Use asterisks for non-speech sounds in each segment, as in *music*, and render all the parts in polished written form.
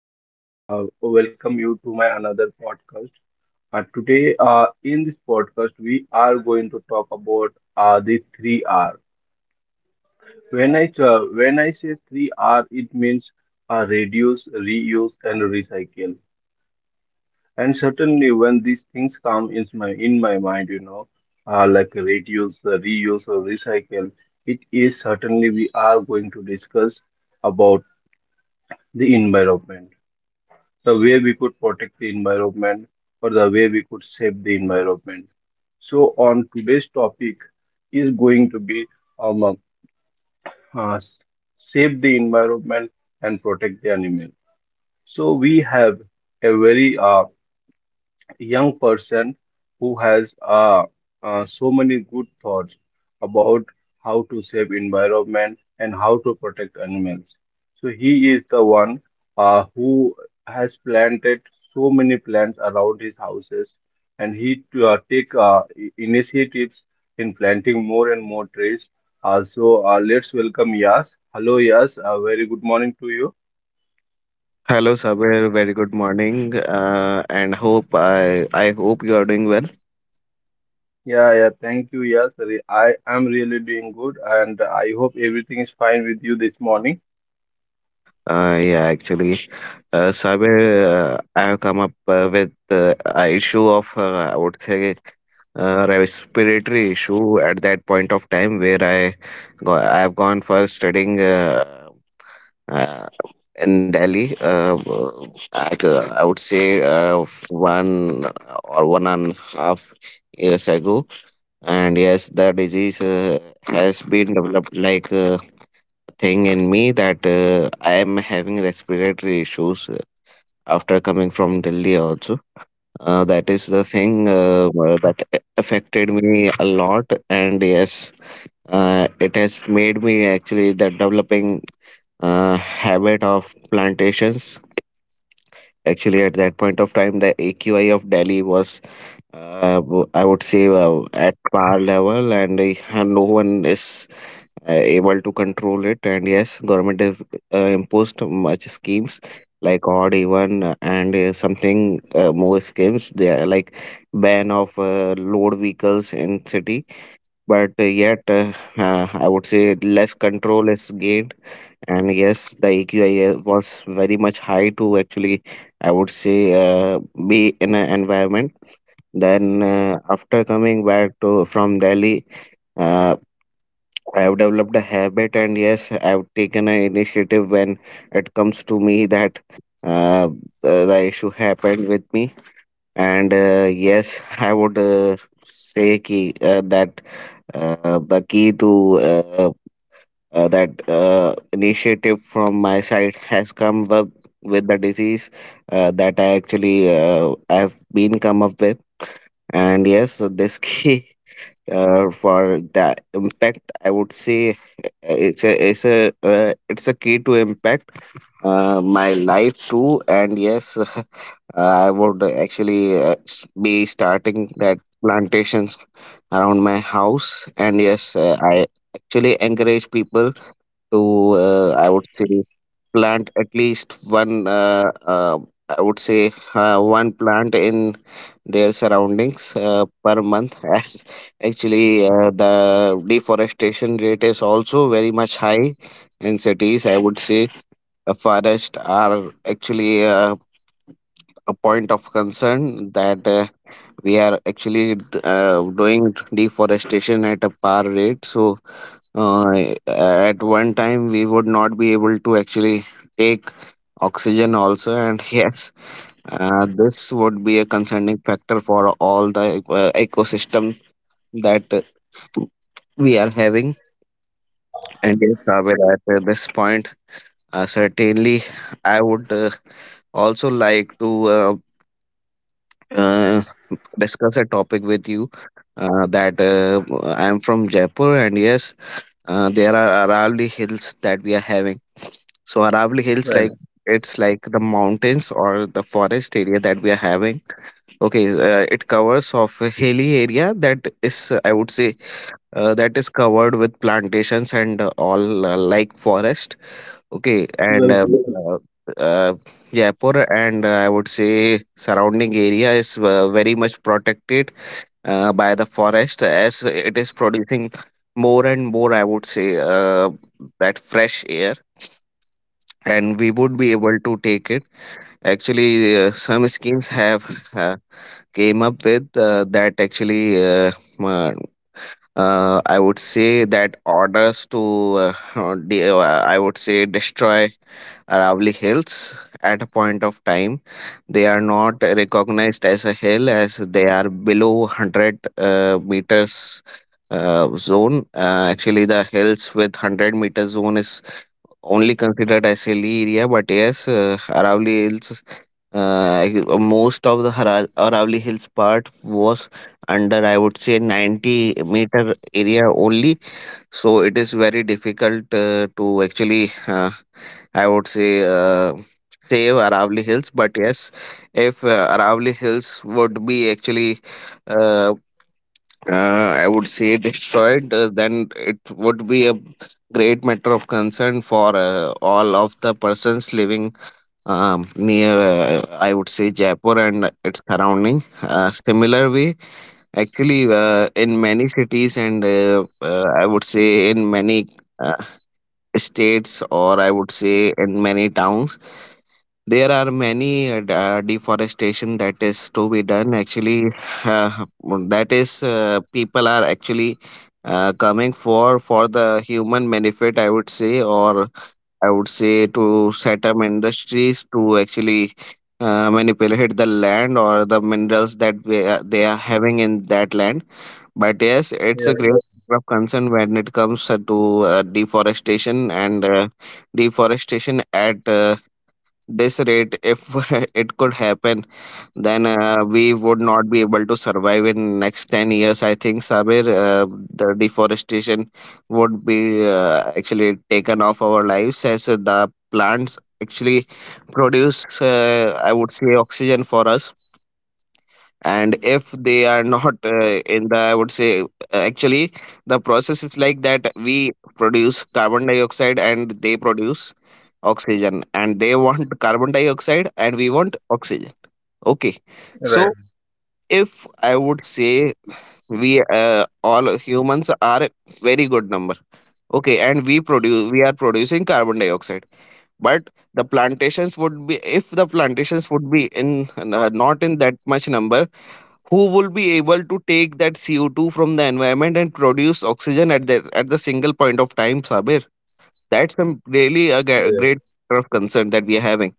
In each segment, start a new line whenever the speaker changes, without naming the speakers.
and welcome you to my another podcast. Today, in this podcast, we are going to talk about the three R. When I say three R, it means reduce, reuse, and recycle. And certainly, when these things come in my mind, like reduce, reuse, or recycle, it is certainly we are going to discuss about the environment, the way we could protect the environment or the way we could save the environment. So on today's topic is going to be um, uh, save the environment and protect the animal. So we have a very young person who has so many good thoughts about how to save environment and how to protect animals. So he is the one who has planted so many plants around his houses, and he to, take initiatives in planting more and more trees. So let's welcome Yas. Hello, Yas. Very good morning to you.
Hello, Sabir. Very good morning, and hope I hope you are doing well.
Yeah, yeah, thank you. Yes, I am really doing good, and I hope everything is fine with you this morning.
Yeah, actually, Sabir, I have come up with a issue of I would say respiratory issue at that point of time where I have gone for studying uh, in Delhi. I would say uh, 1 or 1.5 years ago, and yes, the disease has been developed like a thing in me that I am having respiratory issues after coming from Delhi also. That is the thing that affected me a lot, and yes, it has made me actually the developing habit of plantations. Actually, at that point of time, the AQI of Delhi was I would say at par level, and no one is uh, able to control it. And yes, government have imposed much schemes like odd even and something more schemes, they are like ban of load vehicles in city, but yet I would say less control is gained, and yes, the AQI was very much high to actually, I would say, be in an environment. Then after coming back to from Delhi, uh, I've developed a habit, and yes, I've taken an initiative when it comes to me that uh, the issue happened with me. And yes, I would that the key to that initiative from my side has come up with the disease that I actually, I've been come up with. And yes, this *laughs* key for that impact, I would say it's a it's a key to impact my life too. And yes, *laughs* I would actually be starting that plantations around my house. And yes, I actually encourage people to I would say plant at least one I would say one plant in their surroundings per month, *laughs* as actually the deforestation rate is also very much high in cities. I would say forests are actually a point of concern that we are actually doing deforestation at a par rate. So at one time, we would not be able to actually take oxygen also, and *laughs* yes, this would be a concerning factor for all the ecosystem that we are having. And yes, Sabir, at this point, certainly, I would also like to uh, discuss a topic with you. That I am from Jaipur, and yes, there are Arali hills that we are having. So Aravalli
Right.
Hills, like, it's like the mountains or the forest area that we are having. Okay, it covers of a hilly area that is, I would say, that is covered with plantations and all, like forest. Okay, and
Well,
uh, uh, Jaipur and, I would say, surrounding area is very much protected by the forest, as it is producing more and more, I would say, that fresh air, and we would be able to take it. Actually, some schemes have uh, came up with, that actually, uh, I would say that orders to *laughs* I would say destroy Aravali Hills at a point of time. They are not recognized as a hill as they are below 100 meters zone. Actually, the hills with 100 meter zone is only considered as hilly area, but yes, Aravalli Hills. Uh, Most of the Aravalli Hills part was under, I would say, 90-meter area only. So it is very difficult to actually, I would say, save Aravalli Hills. But yes, if Aravalli Hills would be actually uh, I would say destroyed, then it would be a great matter of concern for all of the persons living near, I would say, Jaipur and its surrounding. Similar way, actually, in many cities and, I would say, in many uh, states, or I would say in many towns, there are many deforestation that is to be done. Actually, uh, that is, people are actually coming for the human benefit, I would say, or I would say, to set up industries to actually manipulate the land or the minerals that we, they are having in that land. But yes, it's a
yeah,
great of concern when it comes to deforestation, and deforestation at this rate, if *laughs* it could happen, then we would not be able to survive in next 10 years, I think, Sabir. The deforestation would be actually taken off our lives, as the plants actually produce, I would say, oxygen for us. And if they are not, in the, I would say, actually the process is like that we produce carbon dioxide and they produce oxygen, and they want *laughs* carbon dioxide and we want oxygen. Okay,
right.
so if I would say we, all humans are a very good number. Okay, and we are producing carbon dioxide, but the plantations would be, if the plantations would be in, not in that much number, who will be able to take that CO2 from the environment and produce oxygen at the single point of time, Sabir? That's a, really a
Yeah.
great matter of concern that we are having.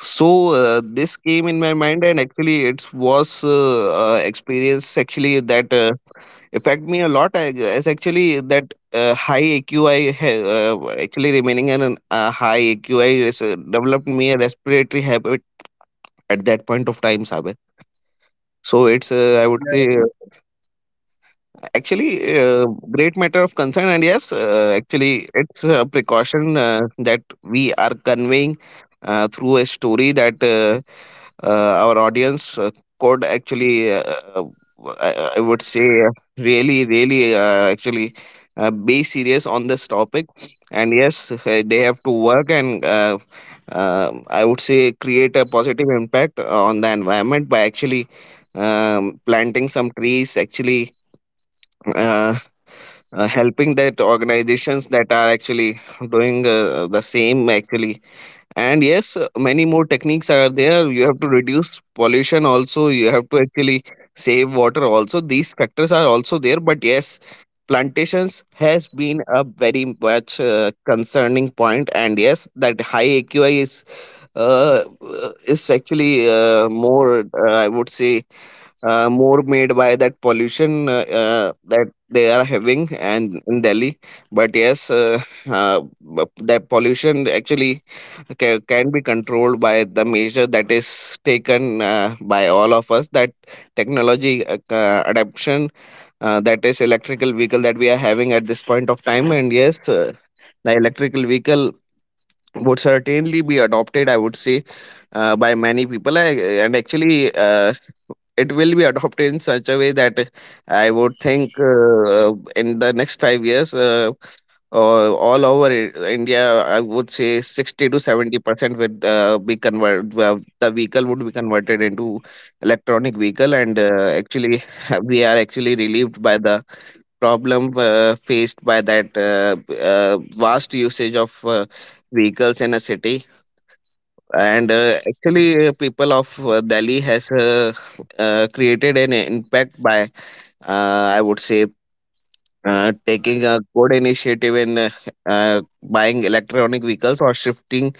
So this came in my mind, and actually, it was experience actually that affect me a lot, as actually that high AQI, actually remaining in a high AQI, developed me a respiratory habit at that point of time, Sabir. So it's I would say actually great matter of concern, and yes, actually, it's a precaution that we are conveying through a story that our audience could actually, uh, I would say, really, actually, be serious on this topic. And yes, they have to work, and I would say create a positive impact on the environment by actually planting some trees, actually uh, helping that organizations that are actually doing the same actually. And yes, many more techniques are there. You have to reduce pollution also, you have to actually save water also. These factors are also there, but yes, plantations has been a very much concerning point. And yes, that high AQI is actually more, I would say more made by that pollution that they are having, and in Delhi. But yes, that pollution actually can be controlled by the measure that is taken by all of us. That technology adaptation, that is electrical vehicle that we are having at this point of time. And yes, the electrical vehicle would certainly be adopted, I would say, by many people and actually it will be adopted in such a way that I would think in the next 5 years, all over India, I would say 60 to 70% would be convert. Well, the vehicle would be converted into electronic vehicle, and actually, *laughs* we are actually relieved by the problem faced by that vast usage of vehicles in a city. And actually, people of Delhi has created an impact by I would say taking a good initiative in buying electronic vehicles or shifting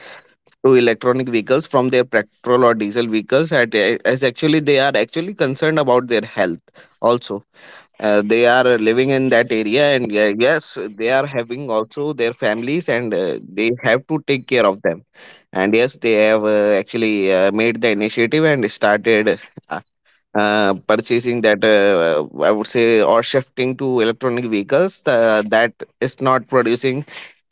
to electronic vehicles from their petrol or diesel vehicles, at, as actually they are actually concerned about their health also. They are living in that area, and yes, they are having also their families, and they have to take care of them. And yes, they have actually made the initiative and started uh, purchasing that, I would say, or shifting to electronic vehicles that is not producing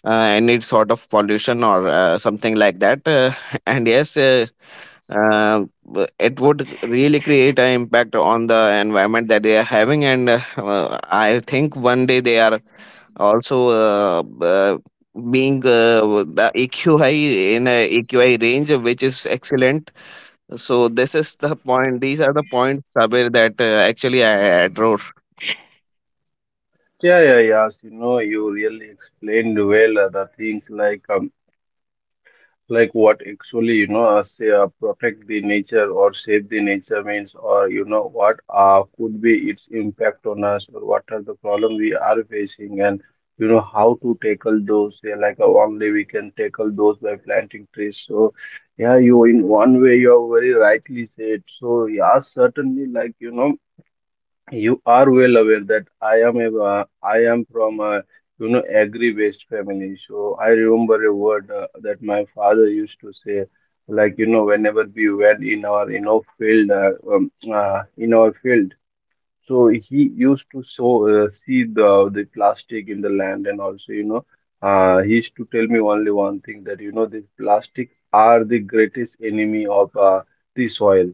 any sort of pollution or something like that. *laughs* And yes, it would really create an impact on the environment that they are having. And I think one day they are also being the EQI in a EQI range which is excellent. So this is the point. These are the points, Sabir, that actually I adore.
Yeah, yeah, yes. You know, you really explained well the things like what actually you know, say, protect the nature or save the nature means, or you know what could be its impact on us, or what are the problem we are facing and you know how to tackle those, yeah, like only we can tackle those by planting trees. So yeah, you in one way you are very rightly said. So yeah, certainly, like you know, you are well aware that I am from a you know agri-based family. So I remember a word that my father used to say, like you know whenever we went in our you know field in our field. So he used to sow see the plastic in the land, and also you know he used to tell me only one thing that you know these plastic are the greatest enemy of the soil.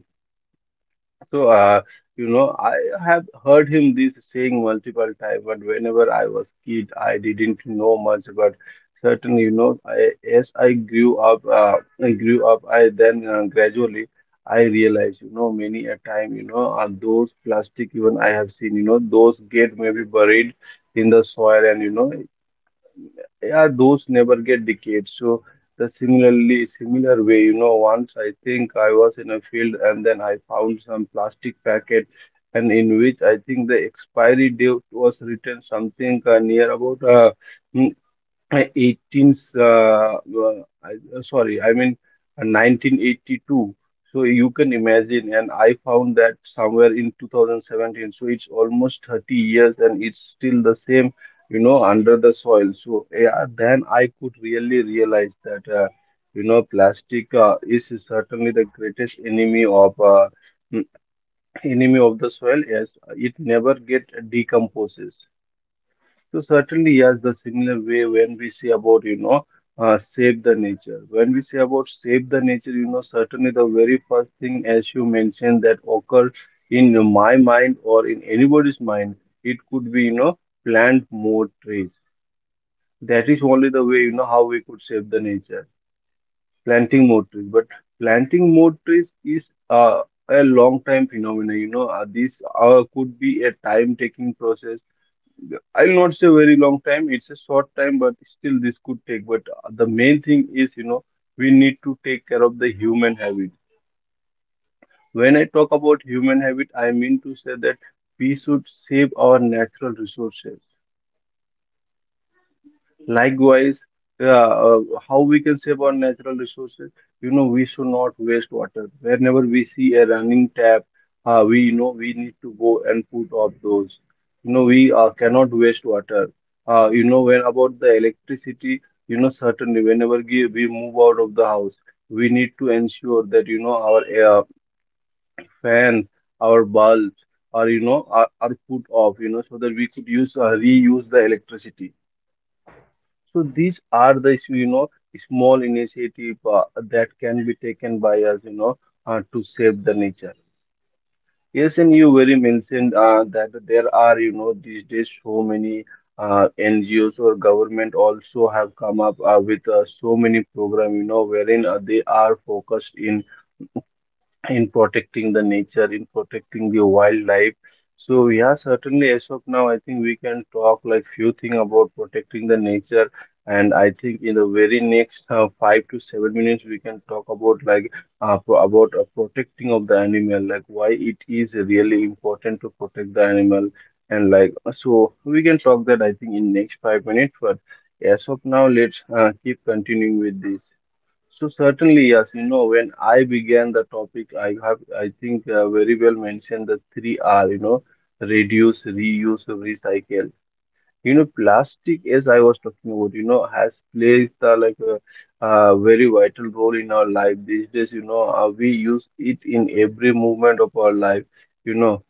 So you know, I have heard him this saying multiple times, but whenever I was kid, I didn't know much. But certainly, you know, I, as I grew up, I grew up, I then gradually I realized, you know, many a time, you know, those plastic even I have seen, you know, those get maybe buried in the soil, and you know, yeah those never get decades. So the similar way, you know, once I think I was in a field and then I found some plastic packet, and in which I think the expiry date was written something near about hmm, 18s uh, I- sorry I mean 1982. So you can imagine, and I found that somewhere in 2017. So it's almost 30 years and it's still the same, you know, under the soil. So yeah, then I could really realize that you know plastic is certainly the greatest enemy of mm, enemy of the soil, as it never get decomposes. So certainly, yes, the similar way when we say about, you know, save the nature. When we say about save the nature, you know, certainly the very first thing, as you mentioned, that occurs in my mind or in anybody's mind, it could be, you know, plant more trees. That is only the way, you know, how we could save the nature, planting more trees. But planting more trees is a long time phenomena, you know, this could be a time-taking process. I'll not say very long time. It's a short time, but still this could take. But the main thing is, you know, we need to take care of the human habit. When I talk about human habit, I mean to say that we should save our natural resources. Likewise, uh, uh, how we can save our natural resources? You know, we should not waste water. Whenever we see a running tap, we know we need to go and put off those. You know, we cannot waste water. You know, when about the electricity, you know, certainly whenever we move out of the house, we need to ensure that, you know, our fans, our bulbs, are, you know, are put off, you know, so that we could use reuse the electricity. So these are the you know small initiative that can be taken by us, you know, to save the nature. Yes, and you very mentioned that there are you know these days so many NGOs or government also have come up with so many program, you know, wherein they are focused in protecting the nature, in protecting the wildlife. So yeah, certainly as of now, I think we can talk like few thing about protecting the nature, and I think in the very next 5 to 7 minutes we can talk about like about protecting of the animal, like why it is really important to protect the animal, and like so we can talk that I think in next 5 minutes. But as of now, let's keep continuing with this. So certainly, yes, you know, when I began the topic, I have, I think, very well mentioned the three R, you know, reduce, reuse, recycle. You know, plastic, as I was talking about, you know, has played like a, very vital role in our life these days. You know, we use it in every movement of our life. You know,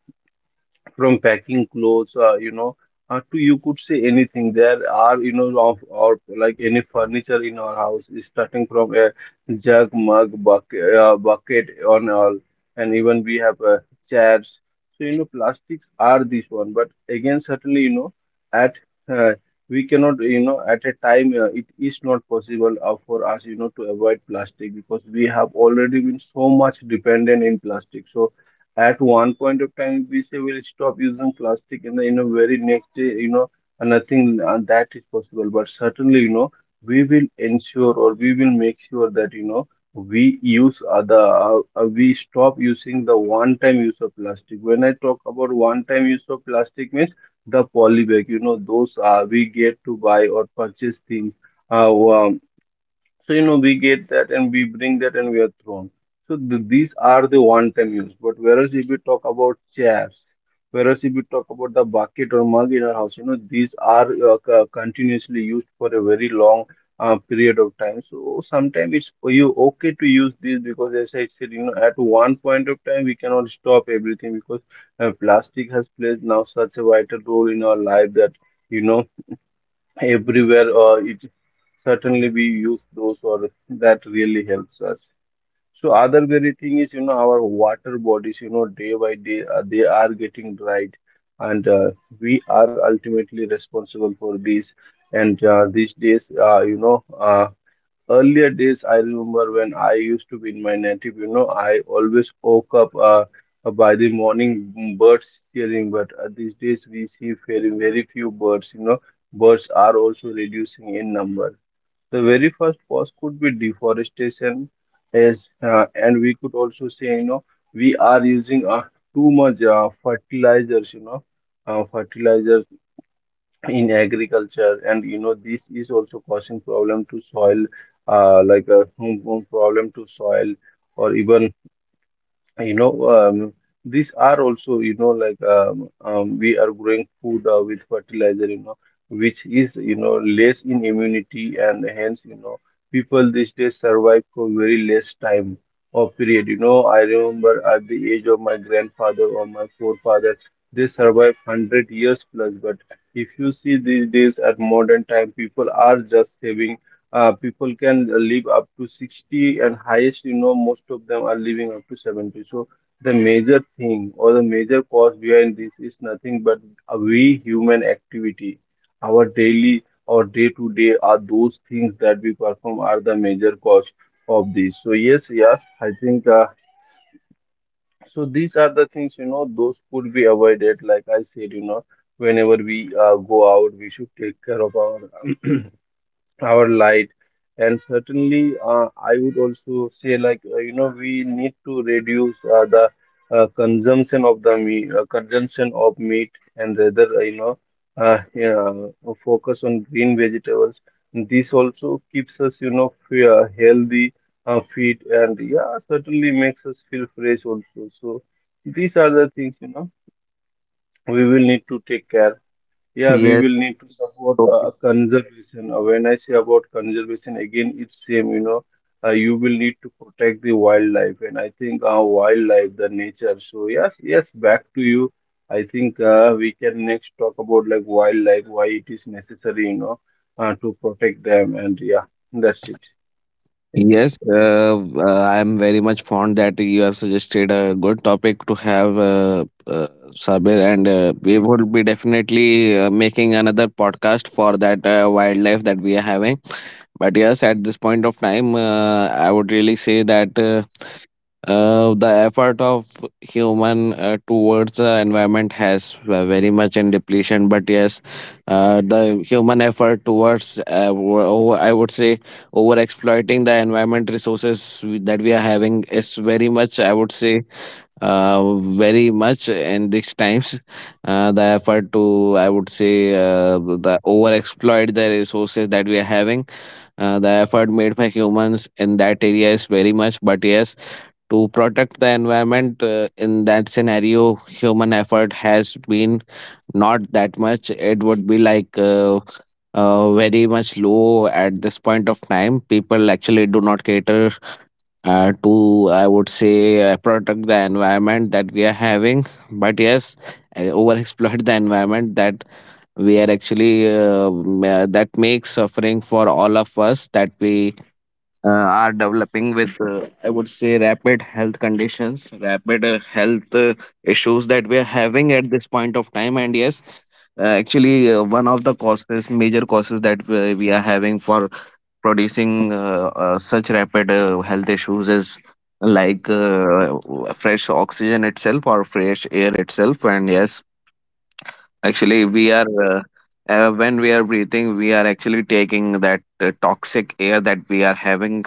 from packing clothes, to you could say anything. There are, you know, of or like any furniture in our house, starting from a jug, mug, bucket, bucket, on all, and even we have chairs. So you know, plastics are this one, but again, certainly, you know, at uh, we cannot, you know, at a time it is not possible for us, you know, to avoid plastic because we have already been so much dependent in plastic. So at one point of time, we say we'll stop using plastic, and in you very next day, you know, nothing that is possible. But certainly, you know, we will ensure or we will make sure that, you know, we stop using the one-time use of plastic. When I talk about one-time use of plastic, means the poly bag, you know, those we get to buy or purchase things. Uh, so, you know, we get that and we bring that and we are thrown. So these are the one-time use. But whereas if we talk about chairs, whereas if we talk about the bucket or mug in our house, you know, these are continuously used for a very long period of time. So sometimes it's for you okay to use this because as I said, you know, at one point of time we cannot stop everything because plastic has played now such a vital role in our life that, you know, everywhere it certainly we use those or that really helps us. So other very thing is, you know, our water bodies, you know, day by day they are getting dried, and we are ultimately responsible for these. And these days, earlier days I remember when I used to be in my native, you know, I always woke up by the morning birds cheering. But these days we see very very few birds, you know, birds are also reducing in number. The very first cause could be deforestation, as and we could also say, you know, we are using too much fertilizers, you know, fertilizers in agriculture, and you know this is also causing problem to soil, hum problem to soil, or even you know these are also you know like we are growing food with fertilizer, you know, which is you know less in immunity, and hence you know people these days survive for very less time or period. You know, I remember at the age of my grandfather or my forefather they survive 100 years plus. But if you see these days at modern time people are just saving, people can live up to 60 and highest, you know, most of them are living up to 70. So the major thing or the major cause behind this is nothing but a we human activity. Our daily or day to day are those things that we perform are the major cause of this. So yes, yes, I think These are the things, those could be avoided. Like I said, whenever we go out, we should take care of our *clears throat* our light. And certainly I would also say like we need to reduce the consumption of the meat, consumption of meat, and rather uh, yeah, focus on green vegetables. This also keeps us, you know, healthy, fit, and yeah, certainly makes us feel fresh also. So these are the things, we will need to take care. Yeah, we
Yes.
will need to support
Okay.
conservation. When I say about conservation, again, it's same, you will need to protect the wildlife, and I think wildlife, the nature. So yes, yes, back to you. I think we can next talk about like wildlife, why it is necessary, to protect them, and yeah, that's it. Yes.
Yes, I am very much fond that you have suggested a good topic to have, Sabir, and we would be definitely making another podcast for that wildlife that we are having. But yes, at this point of time, I would really say that the effort of human towards the environment has very much in depletion, but yes, the human effort towards over, I would say, over exploiting the environment resources that we are having is very much, I would say, uh, very much in these times. The effort to, I would say, the over exploit the resources that we are having. The effort made by humans in that area is very much, but yes, to protect the environment in that scenario, human effort has been not that much. It would be like very much low at this point of time. People actually do not cater to, I would say, protect the environment that we are having, but yes, over exploit the environment that we are actually that makes suffering for all of us that we are developing with, I would say, rapid health conditions, rapid health issues that we are having at this point of time. And yes, actually, one of the causes, major causes that we are having for producing such rapid health issues is like fresh oxygen itself or fresh air itself. And yes, actually, we are when we are breathing, we are actually taking that toxic air that we are having.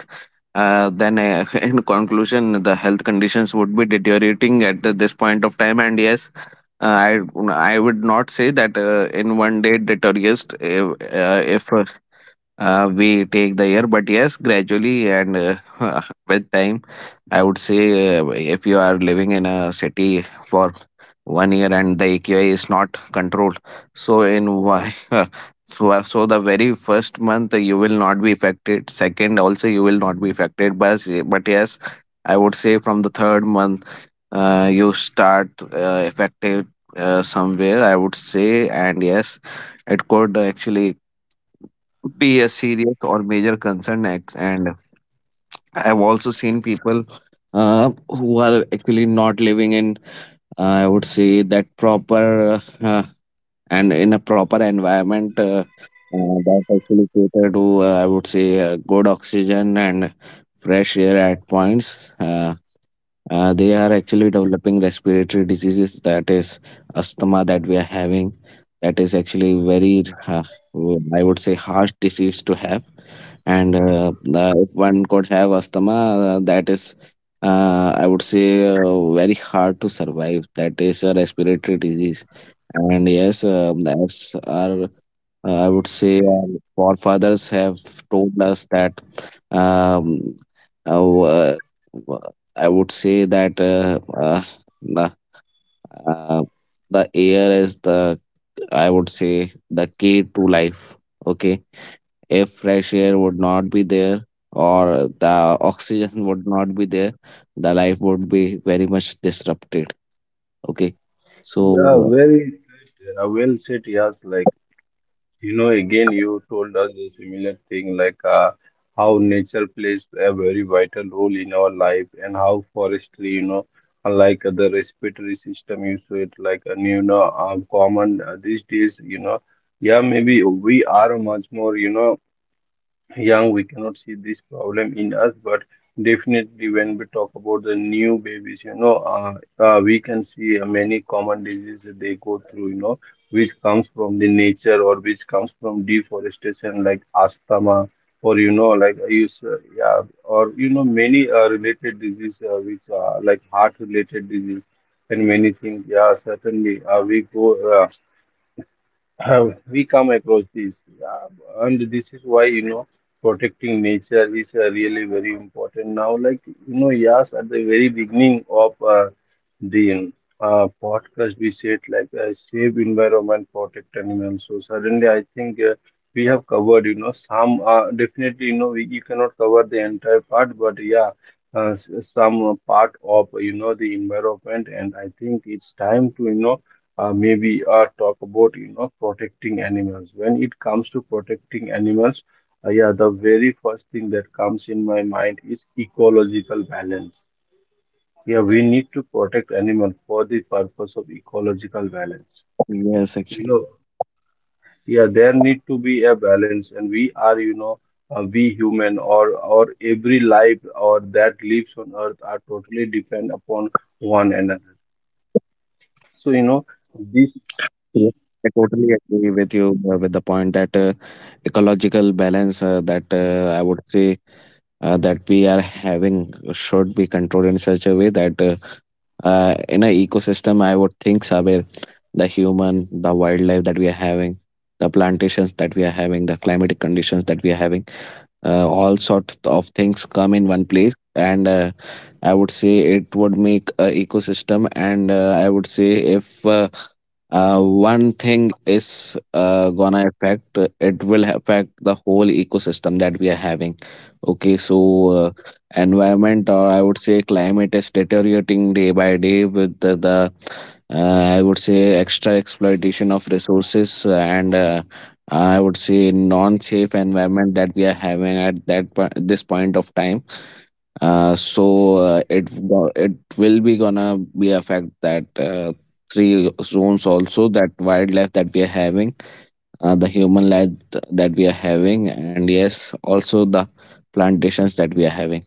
Then, *laughs* in conclusion, the health conditions would be deteriorating at this point of time. And yes, uh, I I would not say that in one day it deteriorates. If we take the year, but yes, gradually, and *laughs* with time, I would say, if you are living in a city for one year and the aqi is not controlled, so in why *laughs* so the very first month you will not be affected, second also you will not be affected, but yes, I would say from the third month you start affected somewhere, I would say. And yes, it could actually be a serious or major concern. And I've also seen people who are actually not living in, I would say, that proper and in a proper environment that actually cater to, I would say, good oxygen and fresh air at points. They are actually developing respiratory diseases, that is asthma, that we are having. That is actually very, I would say, harsh disease to have. And if one could have asthma, that is, I would say, very hard to survive. That is a respiratory disease. And yes, as our, I would say, our forefathers have told us that um, uh, uh, I would say that the, uh, the air is the, I would say, the key to life. Okay, if fresh air would not be there or the oxygen *laughs* would not be there, the life would be very much disrupted. Okay, so,
Yeah,
uh,
very well said. Yes, like. You know, again, you told us a similar thing like how nature plays a very vital role in our life, and how forestry, unlike other respiratory system, you said like, common these days, yeah, maybe we are much more, young, we cannot see this problem in us, but definitely when we talk about the new babies, you know, we can see many common diseases that they go through, which comes from the nature, or which comes from deforestation, like asthma, or you know, many related diseases, which are like heart-related disease and many things. Yeah, certainly, we go. Uh, have we come across this and this is why you know, protecting nature is really very important now. Like you know, yes, at the very beginning of the podcast we said like save environment, protect animals. So suddenly I think we have covered, you know, some definitely, you know, you cannot cover the entire part, but yeah, some part of, you know, the environment. And I think it's time to, you know, maybe talk about, you know, protecting animals. When it comes to protecting animals, yeah, the very first thing that comes in my mind is ecological balance. Yeah, we need to protect animal for the purpose of ecological balance,
yes,
you
actually.
know. Yeah, there need to be a balance, and we are, you know, we human, or every life or that lives on earth are totally depend upon one another. So you know
Yes, I
this.
totally agree with you, with the point that ecological balance that, I would say, that we are having should be controlled in such a way that in an ecosystem, I would think, Sabir, the human, the wildlife that we are having, the plantations that we are having, the climatic conditions that we are having, all sorts of things come in one place, and I would say it would make a ecosystem. And I would say if one thing is gonna affect, it will affect the whole ecosystem that we are having. Okay, so, environment, or I would say climate, is deteriorating day by day with the I would say extra exploitation of resources, and I would say non safe environment that we are having at this point of time. So, it will be gonna be affect that three zones also, that wildlife that we are having, the human life that we are having, and yes, also the plantations that we are having.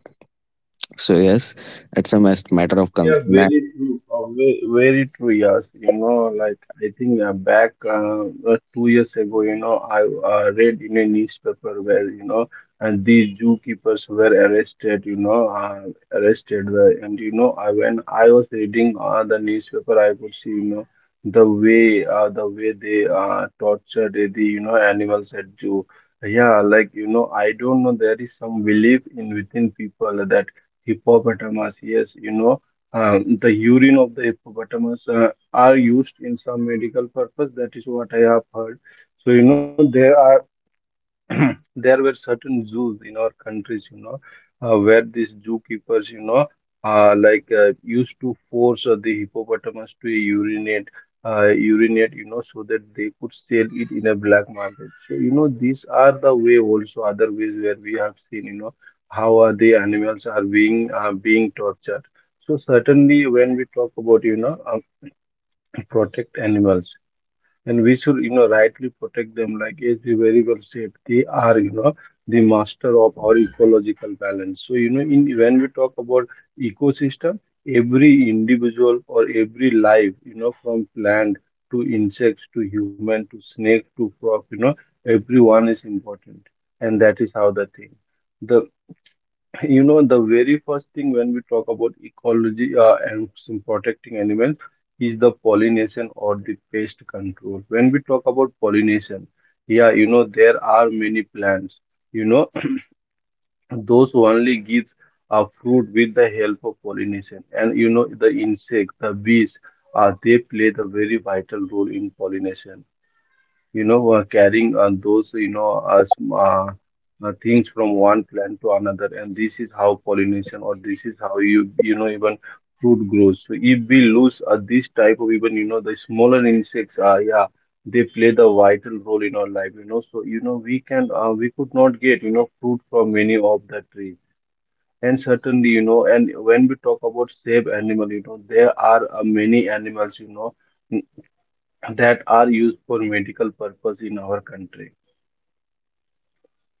So yes, it's a matter of
Yeah,
concern.
very true. Very true, yes. You know, like I think back 2 years ago, you know, I read in a newspaper where, and these zookeepers were arrested, you know, arrested. And, you know, when I was reading the newspaper, I could see, you know, the way they tortured the, you know, animals at zoo. Yeah, like, you know, I don't know, there is some belief in within people that hippopotamus, yes, you know, the urine of the hippopotamus are used in some medical purpose. That is what I have heard. So you know there are *clears throat* there were certain zoos in our countries, you know, where these zookeepers, you know, used to force the hippopotamus to urinate, urinate, you know, so that they could sell it in a black market. So, you know, these are the way, also other ways where we have seen, you know, how the animals are being being tortured. So certainly, when we talk about, you know, *clears throat* protect animals, and we should, you know, rightly protect them. Like as we very well said, they are, you know, the master of our ecological balance. So you know, in when we talk about ecosystem, every individual or every life, you know, from plant to insects to human to snake to frog, you know, everyone is important. And that is how the thing, the *laughs* you know, the very first thing when we talk about ecology and some protecting animals is the pollination or the pest control. When we talk about pollination, yeah, you know, there are many plants, you know, *clears throat* those who only give a fruit with the help of pollination. And you know, the insect, the bees, they play the very vital role in pollination, you know, carrying on those, you know, things from one plant to another. And this is how pollination, or this is how you, you know, even fruit grows. So if we lose this type of even, you know, the smaller insects, yeah, they play the vital role in our life, you know. So, you know, we could not get, you know, fruit from many of the trees. And certainly, you know, and when we talk about save animal, you know, there are many animals, you know, that are used for medical purpose in our country.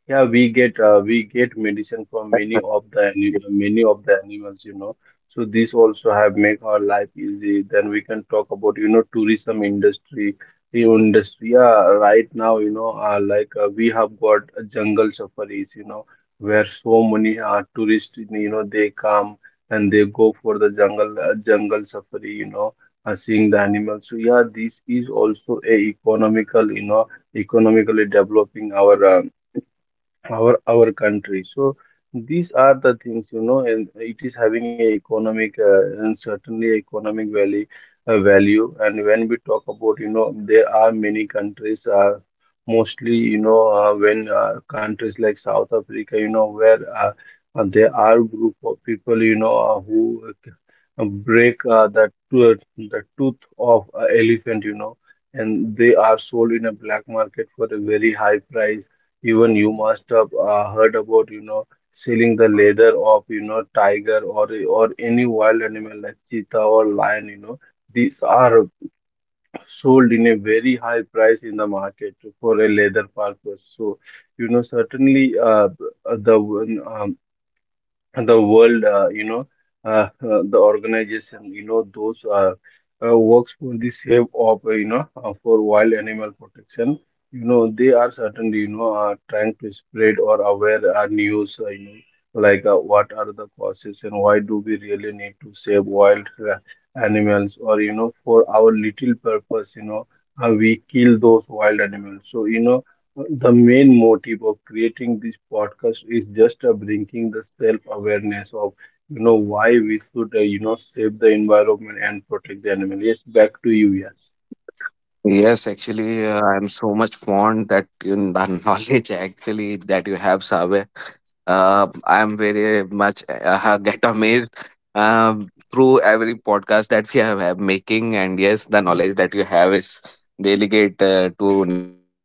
Yeah, we get medicine from many of the many of the animals, you know. So this also have make our life easy. Then we can talk about, you know, tourism industry, the industry. Yeah, right now, you know, we have got jungle safaris, you know, where so many tourists, you know, they come and they go for the jungle jungle safari, you know, seeing the animals. So yeah, this is also a economical, you know, economically developing our our country. So these are the things, you know, and it is having a economic and certainly economic value value. And when we talk about, you know, there are many countries, mostly you know, when countries like South Africa, you know, where there are group of people, you know, who break the tooth of a elephant, you know, and they are sold in a black market for a very high price. Even you must have heard about, you know, selling the leather of, you know, tiger, or any wild animal like cheetah or lion, you know. These are sold in a very high price in the market for a leather purpose. So, you know, certainly the the world, you know, the organization, you know, those works for the save of, for wild animal protection, you know, they are certainly, you know, trying to spread or aware our news, you know, what are the causes and why do we really need to save wild animals, or, you know, for our little purpose, you know, we kill those wild animals. So, you know, the main motive of creating this podcast is just bringing the self-awareness of, you know, why we should, you know, save the environment and protect the animal. Yes, back to you. Yes.
Yes, actually, I'm so much fond that you know the *laughs* knowledge actually that you have, Sabe. I'm very much *laughs* get amazed, through every podcast that we have making, and yes, the knowledge that you have is delegate to listen to.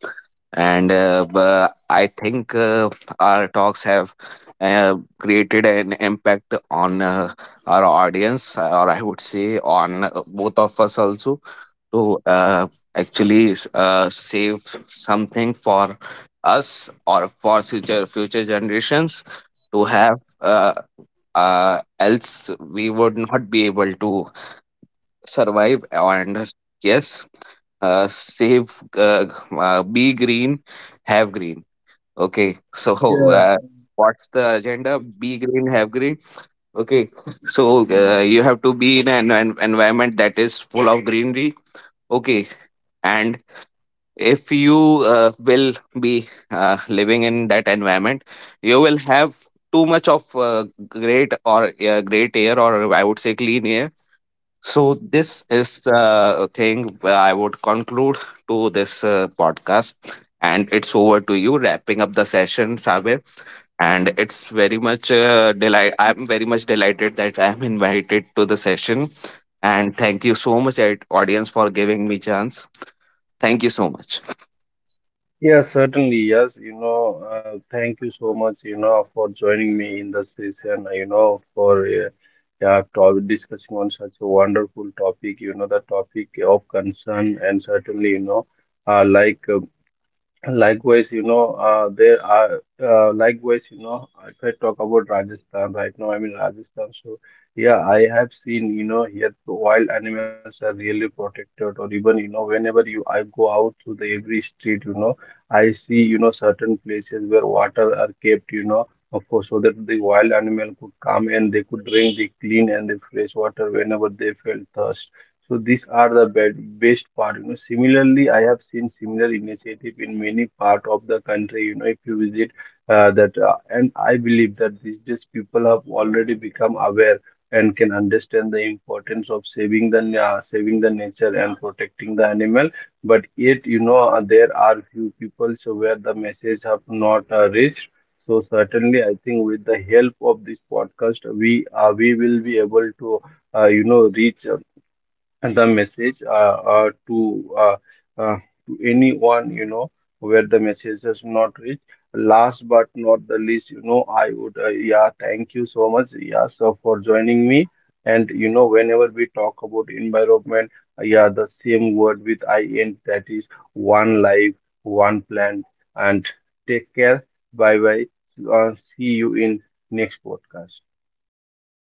And I think our talks have uh, created an impact on our audience, or I would say on both of us also, to actually save something for us or for future generations to have, else we would not be able to survive. And yes, save, be green, have green. Okay, so, uh,
Yeah.
what's the agenda? Be green, have green. Okay, so you have to be in an environment that is full of greenery. Okay. And if you will be living in that environment, you will have too much of great, or great air, or I would say clean air. So this is thing where I would conclude to this podcast, and it's over to you wrapping up the session, Sabir. And it's very much delight, I'm very much delighted that I'm invited to the session. And thank you so much, audience, for giving me chance. Thank you so much.
Yeah, certainly. Yes, you know, thank you so much, you know, for joining me in the session, you know, for yeah, to discussing on such a wonderful topic, you know, the topic of concern. And certainly, you know, uh, like uh, likewise, you know, you know, if I talk about Rajasthan, right now I'm in Rajasthan, so yeah, I have seen, you know, here the wild animals are really protected, or even, you know, whenever you I go out to the every street, you know, I see, you know, certain places where water are kept, you know, of course, so that the wild animal could come and they could drink the clean and the fresh water whenever they felt thirst. So these are the best part. You know, similarly, I have seen similar initiative in many part of the country. You know, if you visit that, and I believe that these days people have already become aware and can understand the importance of saving the saving the nature and protecting the animal. But yet, you know, there are few people so where the message have not reached. So certainly, I think with the help of this podcast, we will be able to you know reach the message uh, to anyone, you know, where the message has not reached. Last but not the least, you know, I would yeah, thank you so much, yeah, for joining me. And you know, whenever we talk about environment, yeah, the same word with I end, that is: one life, one plan, and take care. Bye bye. Uh, see you in next podcast.